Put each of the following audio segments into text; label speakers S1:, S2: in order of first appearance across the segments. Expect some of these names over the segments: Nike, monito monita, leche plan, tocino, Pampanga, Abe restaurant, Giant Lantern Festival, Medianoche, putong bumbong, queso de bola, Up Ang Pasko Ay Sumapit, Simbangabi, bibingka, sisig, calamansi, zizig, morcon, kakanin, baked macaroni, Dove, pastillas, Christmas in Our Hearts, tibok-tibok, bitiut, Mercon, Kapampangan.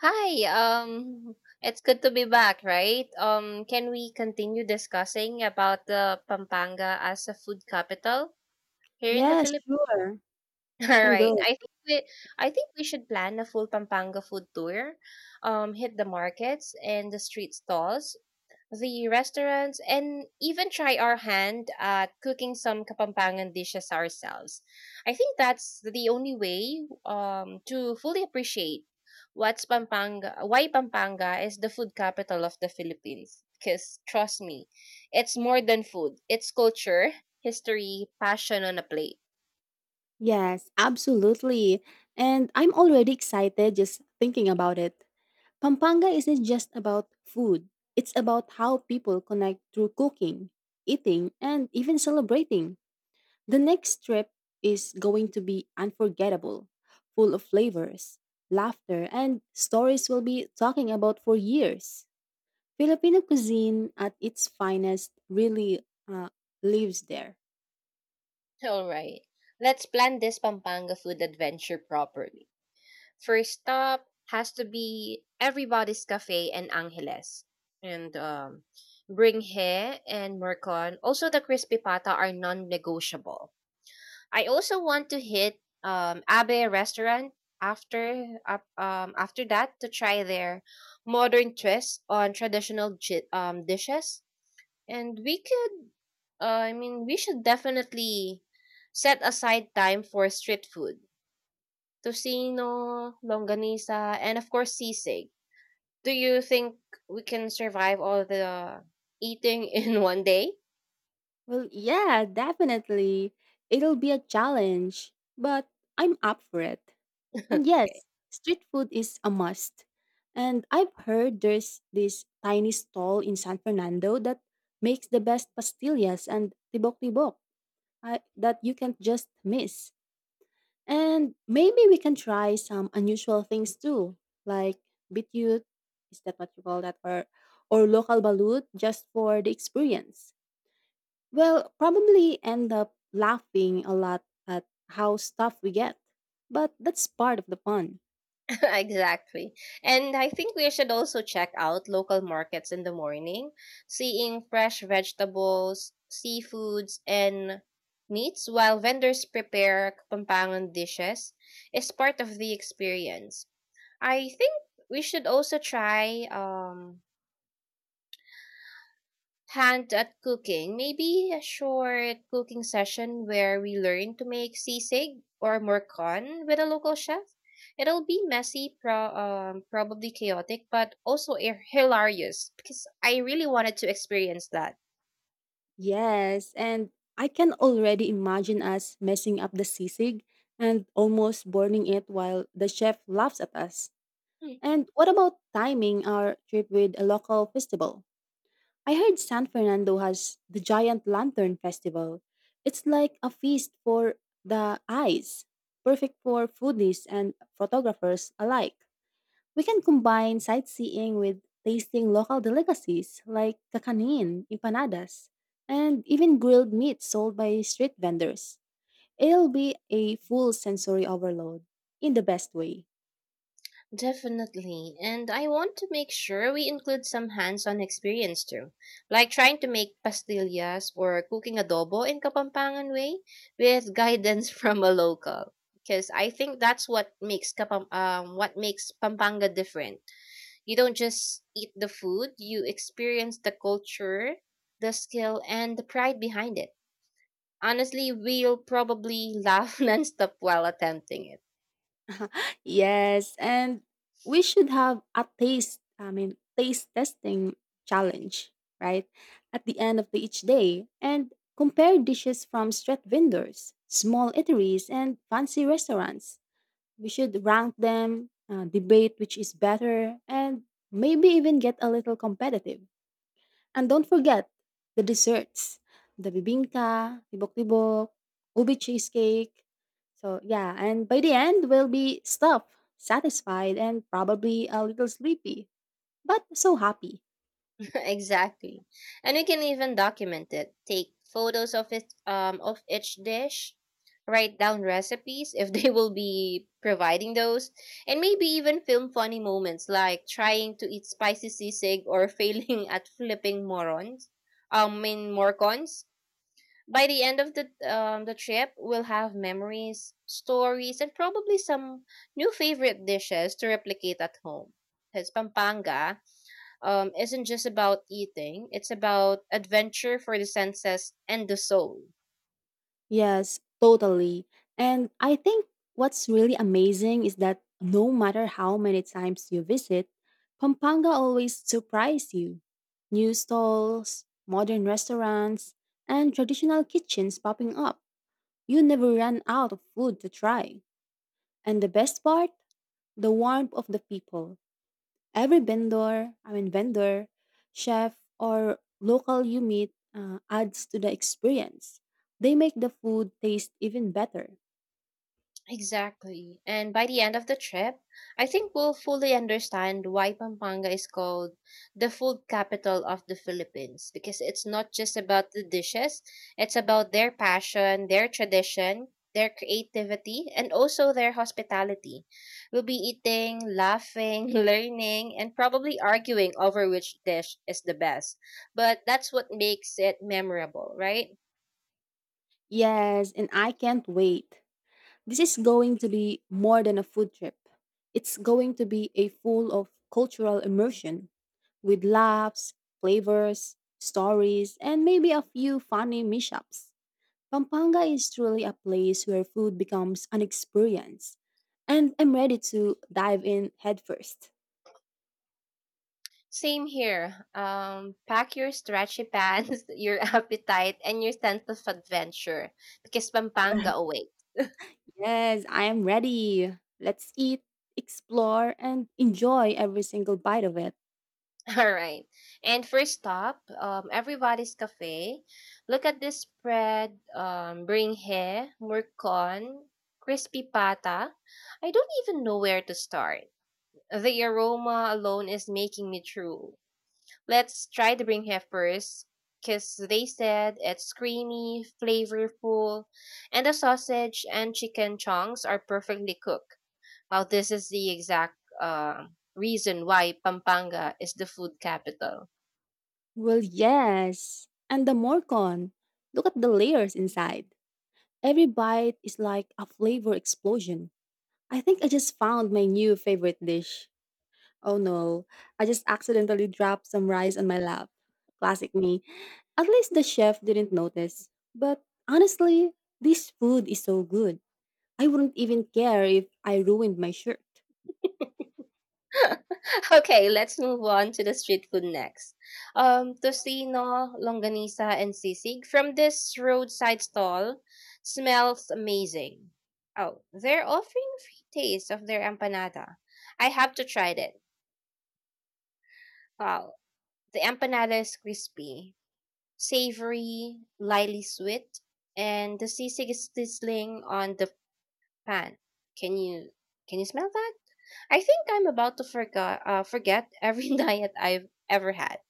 S1: Hi, it's good to be back, right? Can we continue discussing about the Pampanga as a food capital here in the
S2: Yes,
S1: Philippines?
S2: sure. You
S1: All
S2: can
S1: right.
S2: go.
S1: I think we should plan a full Pampanga food tour. Hit the markets and the street stalls the restaurants, and even try our hand at cooking some Kapampangan dishes ourselves. I think that's the only way to fully appreciate what's Pampanga, why Pampanga is the food capital of the Philippines. Because trust me, it's more than food. It's culture, history, passion on a plate.
S2: Yes, absolutely. And I'm already excited just thinking about it. Pampanga isn't just about food, it's about how people connect through cooking, eating, and even celebrating. The next trip is going to be unforgettable, full of flavors, laughter, and stories we'll be talking about for years. Filipino cuisine at its finest really lives there.
S1: All right, let's plan this Pampanga food adventure properly. First stop has to be Everybody's Cafe in Angeles. And Bringhe and Mercon, also the crispy pata, are non negotiable. I also want to hit Abe restaurant after that to try their modern twist on traditional dishes. And we could, I mean, we should definitely set aside time for street food. Tocino, longganisa, and of course sisig. Do you think we can survive all the eating in 1 day?
S2: Well, yeah, definitely. It'll be a challenge, but I'm up for it. And
S1: Okay.
S2: yes, street food is a must. And I've heard there's this tiny stall in San Fernando that makes the best pastillas and tibok-tibok that you can't just miss. And maybe we can try some unusual things too, like bitiut, is that what you call that, or local balut just for the experience. Well, probably end up laughing a lot at how stuff we get. But that's part of the fun.
S1: Exactly. And I think we should also check out local markets in the morning. Seeing fresh vegetables, seafoods, and meats while vendors prepare Kapampangan dishes is part of the experience. I think we should also try hand at cooking. Maybe a short cooking session where we learn to make sisig or morcon with a local chef. It'll be messy, probably chaotic, but also hilarious because I really wanted to experience that.
S2: Yes, and I can already imagine us messing up the sisig and almost burning it while the chef laughs at us. And what about timing our trip with a local festival? I heard San Fernando has the Giant Lantern Festival. It's like a feast for the eyes, perfect for foodies and photographers alike. We can combine sightseeing with tasting local delicacies like kakanin, empanadas, and even grilled meat sold by street vendors. It'll be a full sensory overload in the best way.
S1: Definitely. And I want to make sure we include some hands on experience too, like trying to make pastillas or cooking adobo in Kapampangan way with guidance from a local. Because I think that's what makes Pampanga different. You don't just eat the food, you experience the culture, the skill, and the pride behind it. Honestly, we'll probably laugh nonstop while attempting it.
S2: Yes, and we should have a taste, I mean, taste testing challenge, right? At the end of the each day and compare dishes from street vendors, small eateries, and fancy restaurants. We should rank them, debate which is better, and maybe even get a little competitive. And don't forget the desserts the bibingka, tibok-tibok, ubi cheesecake. So, yeah, and by the end, we'll be stuffed, satisfied, and probably a little sleepy, but so happy.
S1: Exactly. And you can even document it. Take photos of it of each dish, write down recipes if they will be providing those, and maybe even film funny moments like trying to eat spicy sisig or failing at flipping morons. Mean Morcons. By the end of the trip, we'll have memories, stories, and probably some new favorite dishes to replicate at home. Because Pampanga isn't just about eating, it's about adventure for the senses and the soul.
S2: Yes, totally. And I think what's really amazing is that no matter how many times you visit, Pampanga always surprise you. New stalls, modern restaurants, and traditional kitchens popping up. You never run out of food to try. And the best part, the warmth of the people. Every vendor, I mean vendor, chef, or local you meet adds to the experience. They make the food taste even better.
S1: Exactly. And by the end of the trip, I think we'll fully understand why Pampanga is called the food capital of the Philippines because it's not just about the dishes, it's about their passion, their tradition, their creativity, and also their hospitality. We'll be eating, laughing, learning, and probably arguing over which dish is the best. But that's what makes it memorable, right?
S2: Yes, and I can't wait. This is going to be more than a food trip. It's going to be a full of cultural immersion with laughs, flavors, stories, and maybe a few funny mishaps. Pampanga is truly a place where food becomes an experience. And I'm ready to dive in headfirst.
S1: Same here. Pack your stretchy pants, your appetite, and your sense of adventure because Pampanga awaits.
S2: Yes, I am ready. Let's eat, explore, and enjoy every single bite of it.
S1: All right. And first stop, everybody's cafe. Look at this spread. Bringhe, hair, murcon, crispy pata. I don't even know where to start. The aroma alone is making me drool. Let's try the Bring Hef first, because they said it's creamy, flavorful, and the sausage and chicken chunks are perfectly cooked. Now, this is the exact reason why Pampanga is the food capital.
S2: Well, yes. And the morcon. Look at the layers inside. Every bite is like a flavor explosion. I think I just found my new favorite dish. Oh no, I just accidentally dropped some rice on my lap. Classic me. At least the chef didn't notice. But honestly, this food is so good. I wouldn't even care if I ruined my shirt.
S1: Okay, let's move on to the street food next. Tocino, longanisa, and sisig from this roadside stall smells amazing. Oh, they're offering free taste of their empanada. I have to try it. Wow. The empanada is crispy, savory, lightly sweet, and the sisig is sizzling on the pan. Can you can you smell that? I think I'm about to forget every diet I've ever had.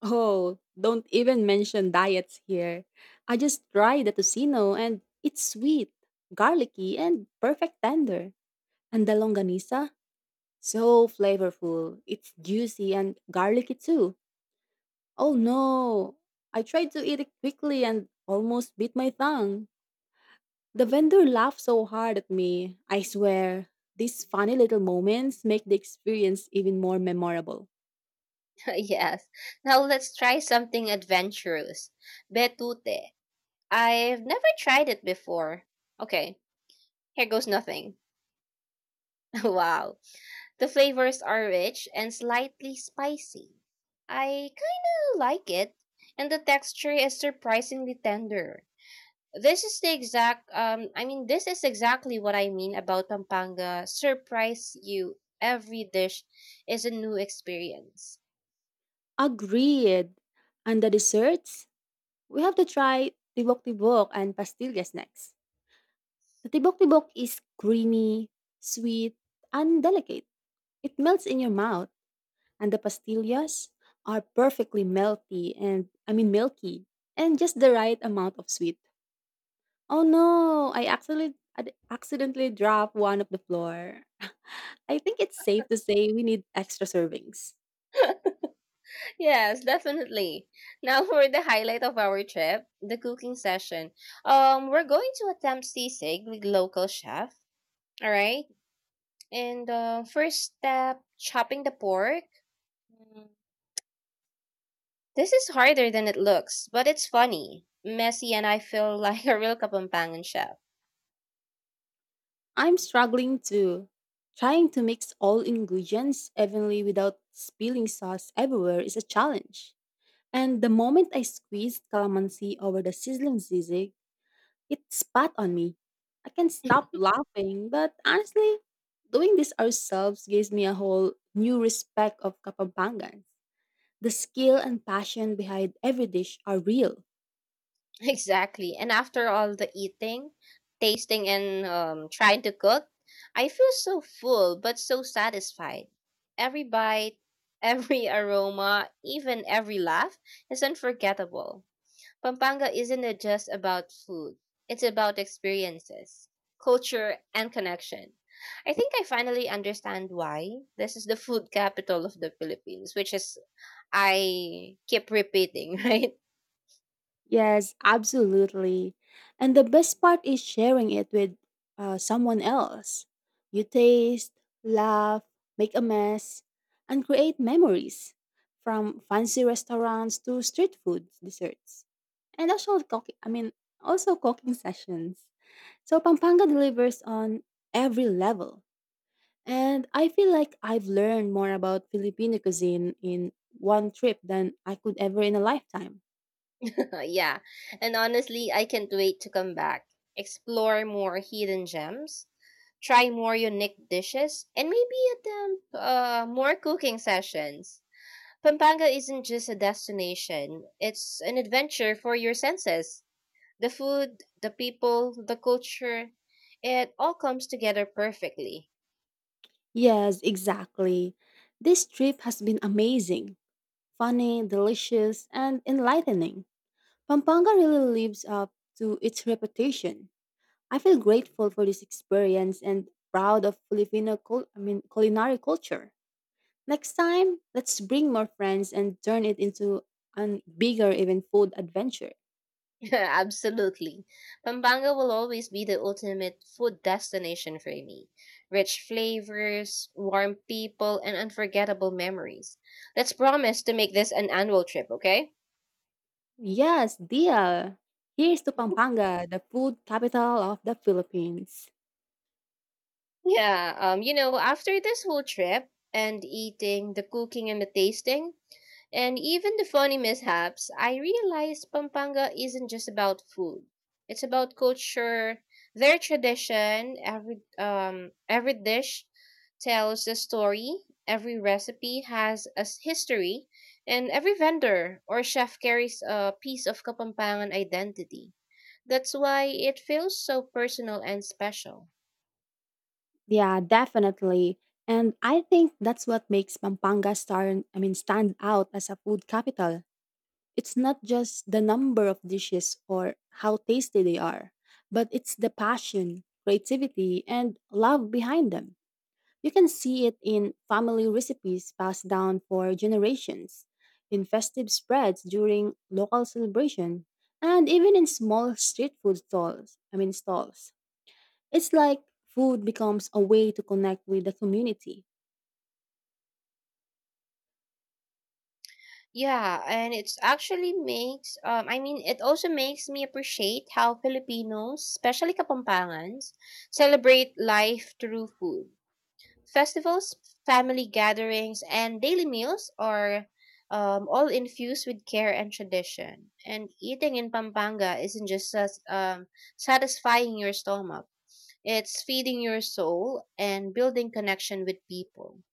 S2: Oh, don't even mention diets here. I just tried the tocino and it's sweet, garlicky, and perfect tender. And the longanisa? So flavorful. It's juicy and garlicky too. Oh no! I tried to eat it quickly and almost bit my tongue. The vendor laughed so hard at me. I swear, these funny little moments make the experience even more memorable.
S1: Yes. Now let's try something adventurous. Betute. I've never tried it before. Okay. Here goes nothing. Wow. The flavors are rich and slightly spicy. I kinda like it, and the texture is surprisingly tender. This is the exact, I mean, this is exactly what I mean about Pampanga. Surprise you. Every dish is a new experience.
S2: Agreed. And the desserts? We have to try tibok-tibok and pastillas next. The tibok-tibok is creamy, sweet, and delicate. It melts in your mouth, and the pastillas are perfectly melty and I mean milky and just the right amount of sweet. Oh no, I actually accidentally dropped one of the floor. I think it's safe to say we need extra servings.
S1: Yes, definitely. Now for the highlight of our trip, the cooking session. We're going to attempt sisig with local chef. All right. And first step, chopping the pork. Mm, This is harder than it looks, but it's funny, messy, and I feel like a real Kapampangan chef.
S2: I'm struggling too. Trying to mix all ingredients evenly without spilling sauce everywhere is a challenge. And the moment I squeezed calamansi over the sizzling zizig, it spat on me. I can't stop laughing, but honestly, doing this ourselves gives me a whole new respect of Kapampangan. The skill and passion behind every dish are real.
S1: Exactly. And after all the eating, tasting, and trying to cook, I feel so full but so satisfied. Every bite, every aroma, even every laugh is unforgettable. Pampanga isn't just about food, it's about experiences, culture, and connection. I think I finally understand why this is the food capital of the Philippines, which is I keep repeating, right?
S2: Yes, absolutely. And the best part is sharing it with someone else. You taste, laugh, make a mess, and create memories from fancy restaurants to street food desserts. And also cooking, I mean, also cooking sessions. So Pampanga delivers on every level. And I feel like I've learned more about Filipino cuisine in one trip than I could ever in a lifetime.
S1: Yeah, and honestly, I can't wait to come back, explore more hidden gems, try more unique dishes, and maybe attempt more cooking sessions. Pampanga isn't just a destination, it's an adventure for your senses. The food, the people, the culture, it all comes together perfectly.
S2: Yes, exactly. This trip has been amazing, funny, delicious, and enlightening. Pampanga really lives up to its reputation. I feel grateful for this experience and proud of Filipino I mean, culinary culture. Next time, let's bring more friends and turn it into a bigger even food adventure.
S1: Absolutely. Pampanga will always be the ultimate food destination for me. Rich flavors, warm people, and unforgettable memories. Let's promise to make this an annual trip, okay?
S2: Yes, deal. Here's to Pampanga, the food capital of the Philippines.
S1: Yeah, after this whole trip and eating, the cooking and the tasting, and even the funny mishaps, I realized Pampanga isn't just about food. It's about culture, their tradition, every dish tells a story, every recipe has a history, and every vendor or chef carries a piece of Kapampangan identity. That's why it feels so personal and special.
S2: Yeah, definitely. And I think that's what makes Pampanga star I mean stand out as a food capital. It's not just the number of dishes or how tasty they are, but it's the passion, creativity, and love behind them. You can see it in family recipes passed down for generations, in festive spreads during local celebration, and even in small street food stalls. I mean stalls it's like food becomes a way to connect with the community.
S1: Yeah, and it's actually makes I mean it also makes me appreciate how Filipinos, especially Kapampangans, celebrate life through food. Festivals, family gatherings, and daily meals are all infused with care and tradition. And eating in Pampanga isn't just satisfying your stomach; it's feeding your soul and building connection with people.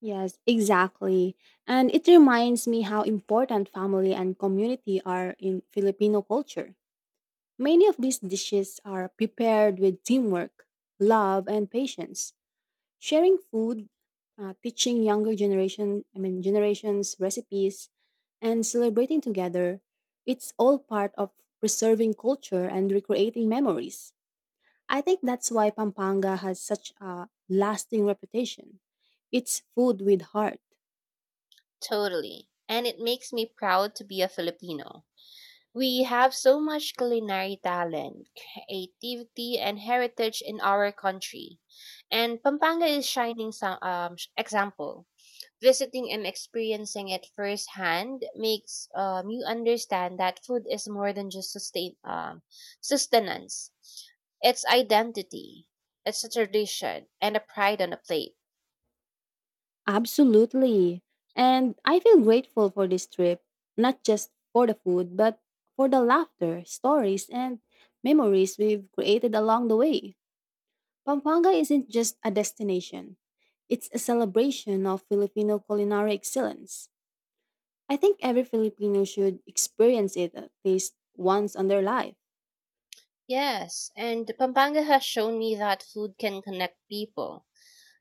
S2: Yes, exactly. And it reminds me how important family and community are in Filipino culture. Many of these dishes are prepared with teamwork, love, and patience. Sharing food, teaching younger generation, I mean generations recipes, and celebrating together, it's all part of preserving culture and recreating memories. I think that's why Pampanga has such a lasting reputation. It's food with heart.
S1: Totally, and it makes me proud to be a Filipino. We have so much culinary talent, creativity, and heritage in our country. And Pampanga is shining example. Visiting and experiencing it firsthand makes you understand that food is more than just sustain sustenance. It's identity. It's a tradition and a pride on a plate.
S2: Absolutely. And I feel grateful for this trip, not just for the food, but for the laughter, stories, and memories we've created along the way. Pampanga isn't just a destination, it's a celebration of Filipino culinary excellence. I think every Filipino should experience it at least once in their life.
S1: Yes, and Pampanga has shown me that food can connect people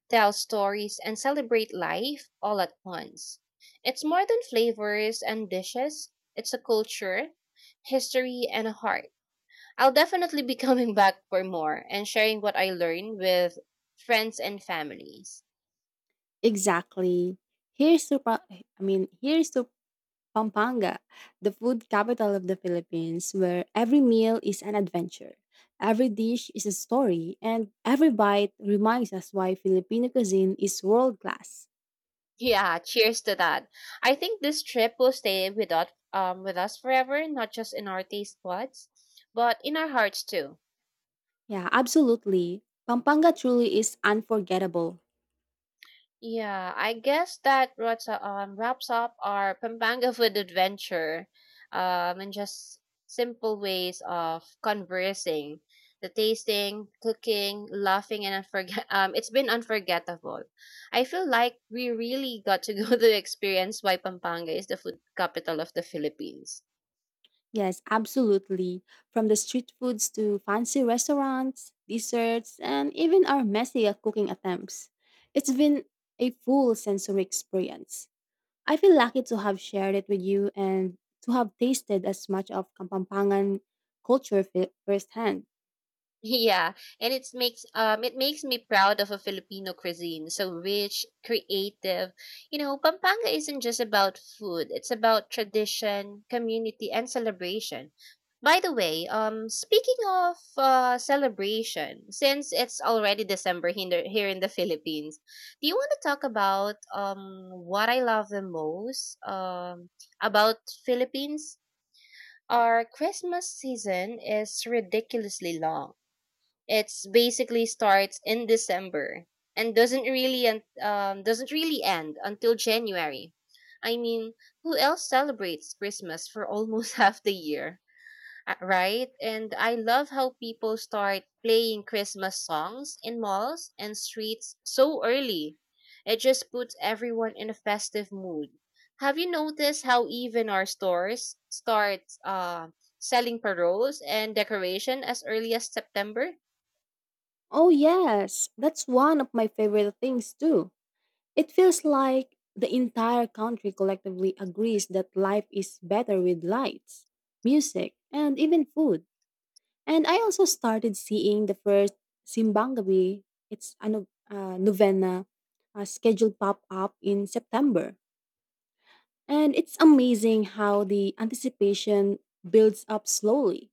S1: tell stories, and celebrate life all at once. It's more than flavors and dishes, it's a culture, history, and a heart. I'll definitely be coming back for more and sharing what I learned with friends and families.
S2: Exactly. Here's to I mean, here's to Pampanga, the food capital of the Philippines, where every meal is an adventure, every dish is a story, and every bite reminds us why Filipino cuisine is world class.
S1: Yeah, cheers to that. I think this trip will stay with us forever, not just in our taste buds, but in our hearts too.
S2: Yeah, absolutely. Pampanga truly is unforgettable.
S1: Yeah, I guess that wraps up our Pampanga food adventure and just simple ways of conversing, the tasting, cooking, laughing, and unforget- it's been unforgettable. I feel like we really got to go to experience why Pampanga is the food capital of the Philippines.
S2: Yes, absolutely. From the street foods to fancy restaurants, desserts, and even our messy cooking attempts. It's been a full sensory experience. I feel lucky to have shared it with you and to have tasted as much of Kapampangan culture firsthand.
S1: Yeah, and it makes me proud of a Filipino cuisine, so rich, creative. You know, Pampanga isn't just about food; it's about tradition, community, and celebration. By the way, speaking of celebration, since it's already here in the Philippines, do you want to talk about what I love the most about Philippines? Our Christmas season is ridiculously long it's basically starts in December and doesn't really end until January. I mean, who else celebrates Christmas for almost half the year, right? And I love how people start playing Christmas songs in malls and streets so early. It just puts everyone in a festive mood. Have you noticed how even our stores start selling paroles and decoration as early as September?
S2: Oh, yes, that's one of my favorite things too. It feels like the entire country collectively agrees that life is better with lights, music, and even food. And I also started seeing the first Simbangabi, it's a novena, scheduled pop up in September. And it's amazing how the anticipation builds up slowly.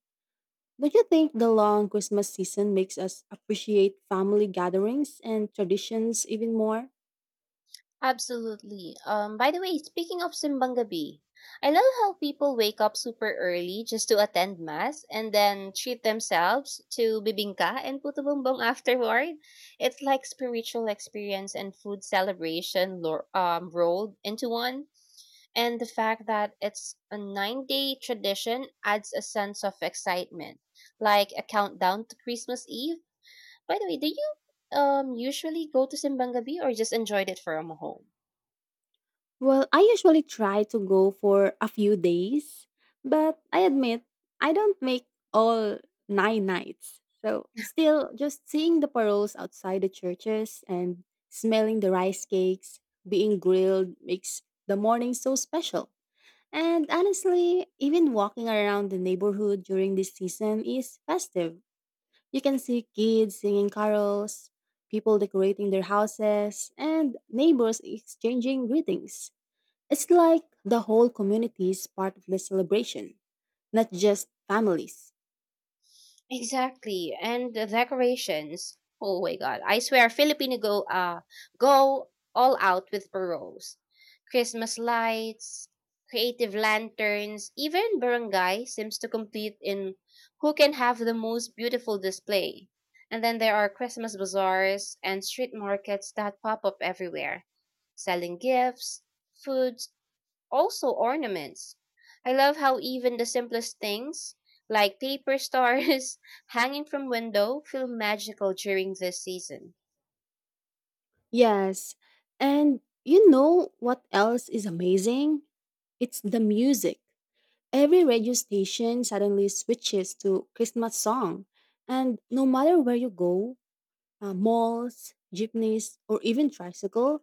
S2: Don't you think the long Christmas season makes us appreciate family gatherings and traditions even more?
S1: Absolutely. By the way, speaking of Simbang Gabi, I love how people wake up super early just to attend mass and then treat themselves to bibingka and puto bumbong afterward. It's like spiritual experience and food celebration rolled into one. And the fact that it's a 9 day tradition adds a sense of excitement, like a countdown to Christmas Eve. By the way, do you usually go to Simbang Gabi or just enjoyed it from home?
S2: Well, I usually try to go for a few days, but I admit I don't make all nine nights. So, still, just seeing the paroles outside the churches and smelling the rice cakes being grilled makes the morning so special. And honestly, even walking around the neighborhood during this season is festive. You can see kids singing carols, people decorating their houses, and neighbors exchanging greetings. It's like the whole community is part of the celebration, not just families.
S1: Exactly. And the decorations. Oh my god. I swear Filipino go all out with paroles. Christmas lights, creative lanterns, even barangay seems to compete in who can have the most beautiful display. And then there are Christmas bazaars and street markets that pop up everywhere, selling gifts, foods, also ornaments. I love how even the simplest things, like paper stars hanging from window, feel magical during this season.
S2: Yes, and you know what else is amazing? It's the music. Every radio station suddenly switches to Christmas song, and no matter where you go, malls, jeepneys, or even tricycle,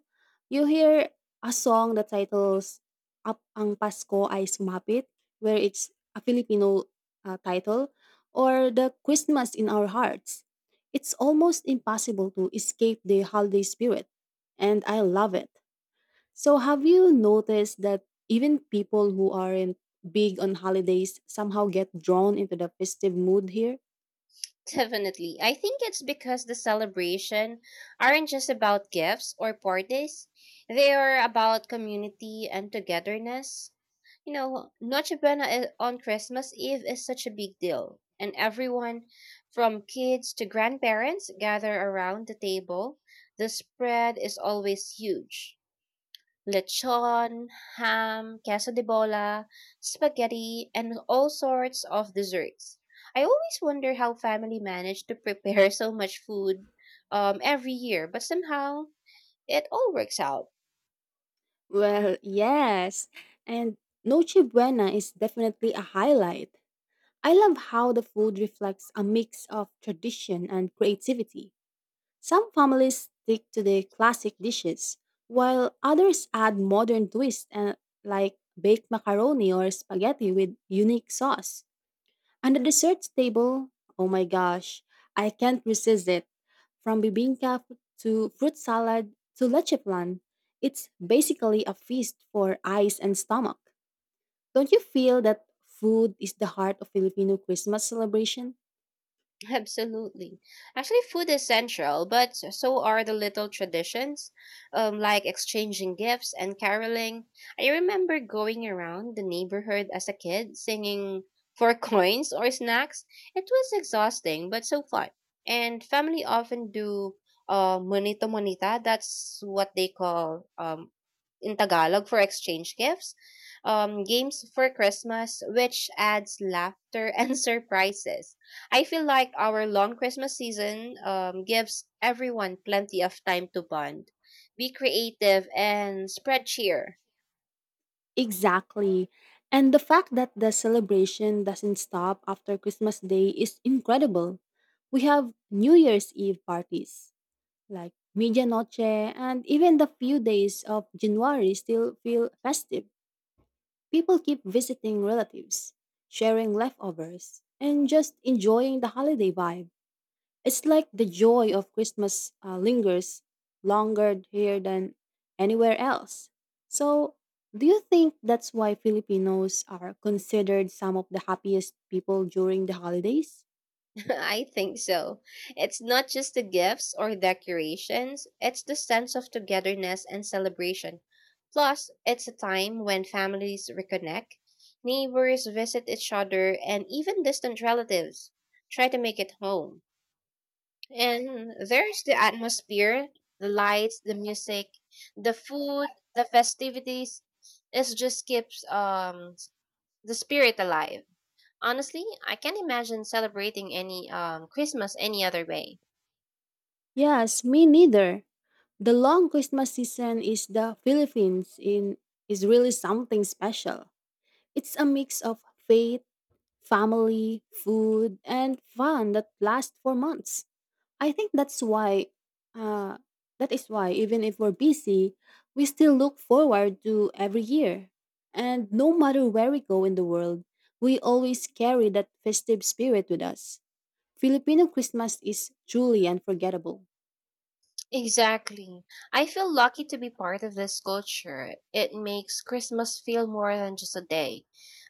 S2: you hear a song that titles Up Ang Pasko Ay Sumapit, where it's a Filipino title, or the Christmas in Our Hearts. It's almost impossible to escape the holiday spirit, and I love it. So, have you noticed that even people who aren't big on holidays somehow get drawn into the festive mood here?
S1: Definitely. I think it's because the celebration aren't just about gifts or parties. They are about community and togetherness. You know, Noche Buena on Christmas Eve is such a big deal, and everyone from kids to grandparents gather around the table. The spread is always huge: lechon, ham, queso de bola, spaghetti, and all sorts of desserts. I always wonder how family managed to prepare so much food every year, but somehow it all works out.
S2: Well, yes. And Noche Buena is definitely a highlight. I love how the food reflects a mix of tradition and creativity. Some families stick to the classic dishes, while others add modern twists and like baked macaroni or spaghetti with unique sauce. On the dessert table, oh my gosh, I can't resist it. From bibingka to fruit salad to leche plan, it's basically a feast for eyes and stomach. Don't you feel that food is the heart of Filipino Christmas celebration?
S1: Absolutely. Actually, food is central, but so are the little traditions, like exchanging gifts and caroling. I remember going around the neighborhood as a kid singing for coins or snacks. It was exhausting, but so fun. And family often do monito monita. That's what they call in Tagalog for exchange gifts. Games for Christmas, which adds laughter and surprises. I feel like our long Christmas season gives everyone plenty of time to bond, be creative, and spread cheer.
S2: Exactly. And the fact that the celebration doesn't stop after Christmas Day is incredible. We have New Year's Eve parties, like Medianoche, and even the few days of January still feel festive. People keep visiting relatives, sharing leftovers, and just enjoying the holiday vibe. It's like the joy of Christmas lingers longer here than anywhere else. So, do you think that's why Filipinos are considered some of the happiest people during the holidays?
S1: I think so. It's not just the gifts or decorations, it's the sense of togetherness and celebration. Plus, it's a time when families reconnect, neighbors visit each other, and even distant relatives try to make it home. And there's the atmosphere, the lights, the music, the food, the festivities. It just keeps the spirit alive. Honestly, I can't imagine celebrating any Christmas any other way.
S2: Yes, me neither. The long Christmas season is the Philippines in is really something special. It's a mix of faith, family, food, and fun that lasts for months. I think that's why uh, that is why even if we're busy, we still look forward to every year. And no matter where we go in the world, we always carry that festive spirit with us. Filipino Christmas is truly unforgettable.
S1: Exactly. I feel lucky to be part of this culture. It makes Christmas feel more than just a day.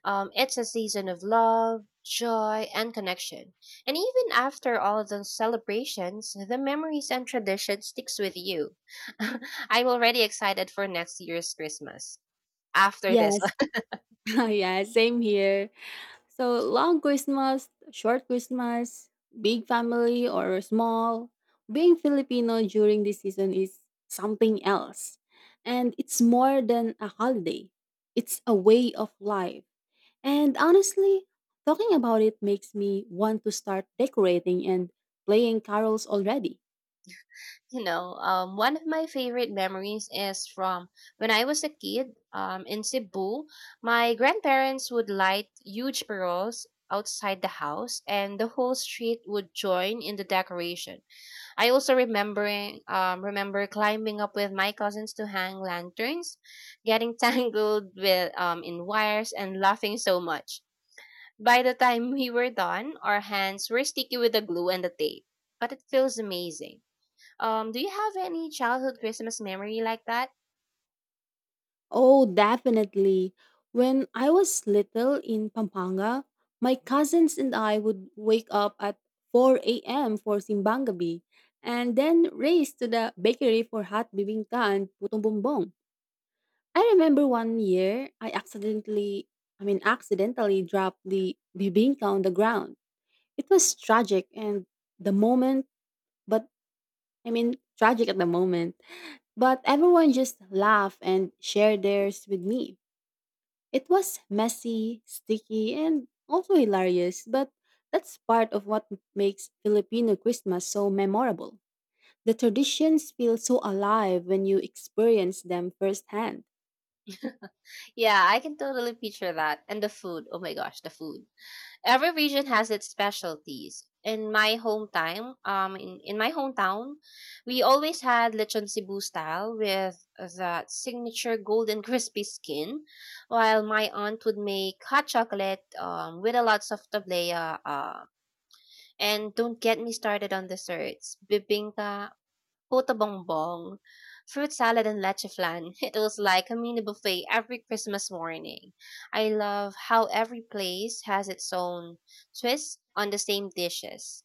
S1: It's a season of love, joy, and connection. And even after all of those celebrations, the memories and tradition sticks with you. I'm already excited for next year's Christmas after this.
S2: Yes, yeah, same here. So long Christmas, short Christmas, big family or small, being Filipino during this season is something else. And it's more than a holiday. It's a way of life. And honestly, talking about it makes me want to start decorating and playing carols already.
S1: You know, one of my favorite memories is from when I was a kid in Cebu. My grandparents would light huge paroles outside the house, and the whole street would join in the decoration. I also remember climbing up with my cousins to hang lanterns, getting tangled with in wires, and laughing so much. By the time we were done, our hands were sticky with the glue and the tape, but it feels amazing. Do you have any childhood Christmas memory like that?
S2: Oh, definitely. When I was little in Pampanga, my cousins and I would wake up at 4 a.m. for Simbangabi and then race to the bakery for hot bibingka and putong bumbong. I remember one year I accidentally, I mean, accidentally dropped the bibingka on the ground. It was tragic and the moment, but I mean, tragic at the moment, but everyone just laughed and shared theirs with me. It was messy, sticky, and also hilarious, but that's part of what makes Filipino Christmas so memorable. The traditions feel so alive when you experience them firsthand.
S1: Yeah, I can totally picture that. And the food. Oh my gosh, the food. Every region has its specialties. In my in my hometown, we always had lechon Cebu style with that signature golden crispy skin, while my aunt would make hot chocolate with a lots of tablea. And don't get me started on desserts. Bibingka, Puto bongbong, fruit salad and leche flan. It was like a mini buffet every Christmas morning. I love how every place has its own twist on the same dishes.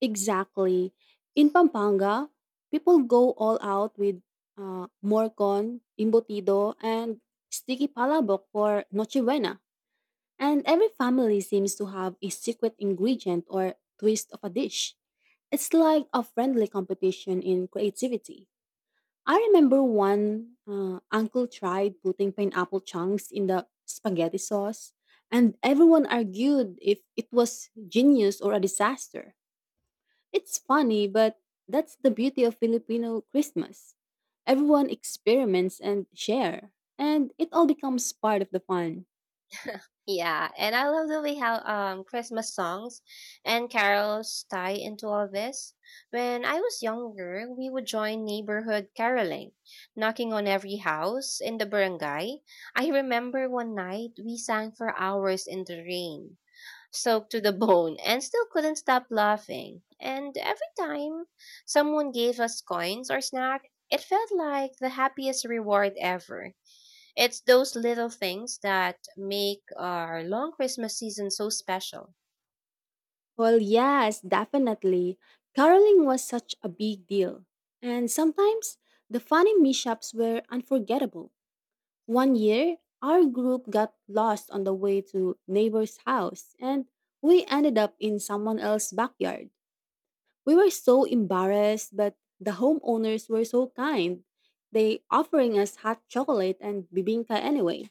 S2: Exactly. In Pampanga, people go all out with morcon, imbotido, and sticky palabok for Nochebuena. And every family seems to have a secret ingredient or twist of a dish. It's like a friendly competition in creativity. I remember one uncle tried putting pineapple chunks in the spaghetti sauce, and everyone argued if it was genius or a disaster. It's funny, but that's the beauty of Filipino Christmas. Everyone experiments and share, and it all becomes part of the fun.
S1: Yeah, and I love the way how Christmas songs and carols tie into all this. When I was younger, we would join neighborhood caroling, knocking on every house in the barangay. I remember one night we sang for hours in the rain, soaked to the bone, and still couldn't stop laughing. And every time someone gave us coins or snack, it felt like the happiest reward ever. It's those little things that make our long Christmas season so special.
S2: Well, yes, definitely. Caroling was such a big deal. And sometimes the funny mishaps were unforgettable. One year, our group got lost on the way to neighbor's house and we ended up in someone else's backyard. We were so embarrassed, but the homeowners were so kind. They offering us hot chocolate and bibinka anyway.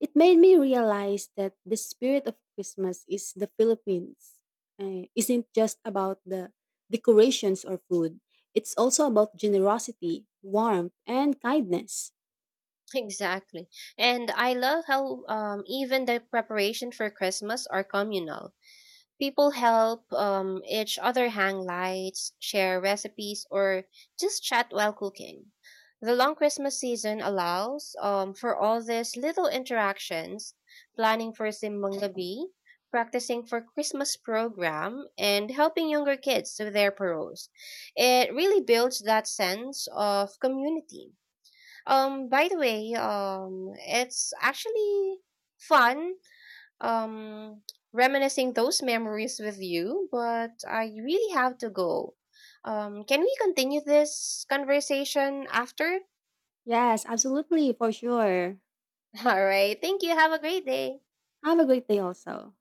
S2: It made me realize that the spirit of Christmas is the Philippines. Isn't just about the decorations or food. It's also about generosity, warmth, and kindness.
S1: Exactly. And I love how even the preparation for Christmas are communal. People help each other hang lights, share recipes, or just chat while cooking. The long Christmas season allows for all these little interactions, planning for Simbang Gabi, practicing for Christmas program, and helping younger kids with their paroles. It really builds that sense of community. By the way, it's actually fun um reminiscing those memories with you, but I really have to go. Can we continue this conversation after?
S2: Yes, absolutely, for sure.
S1: All right. Thank you. Have a great day.
S2: Have a great day also.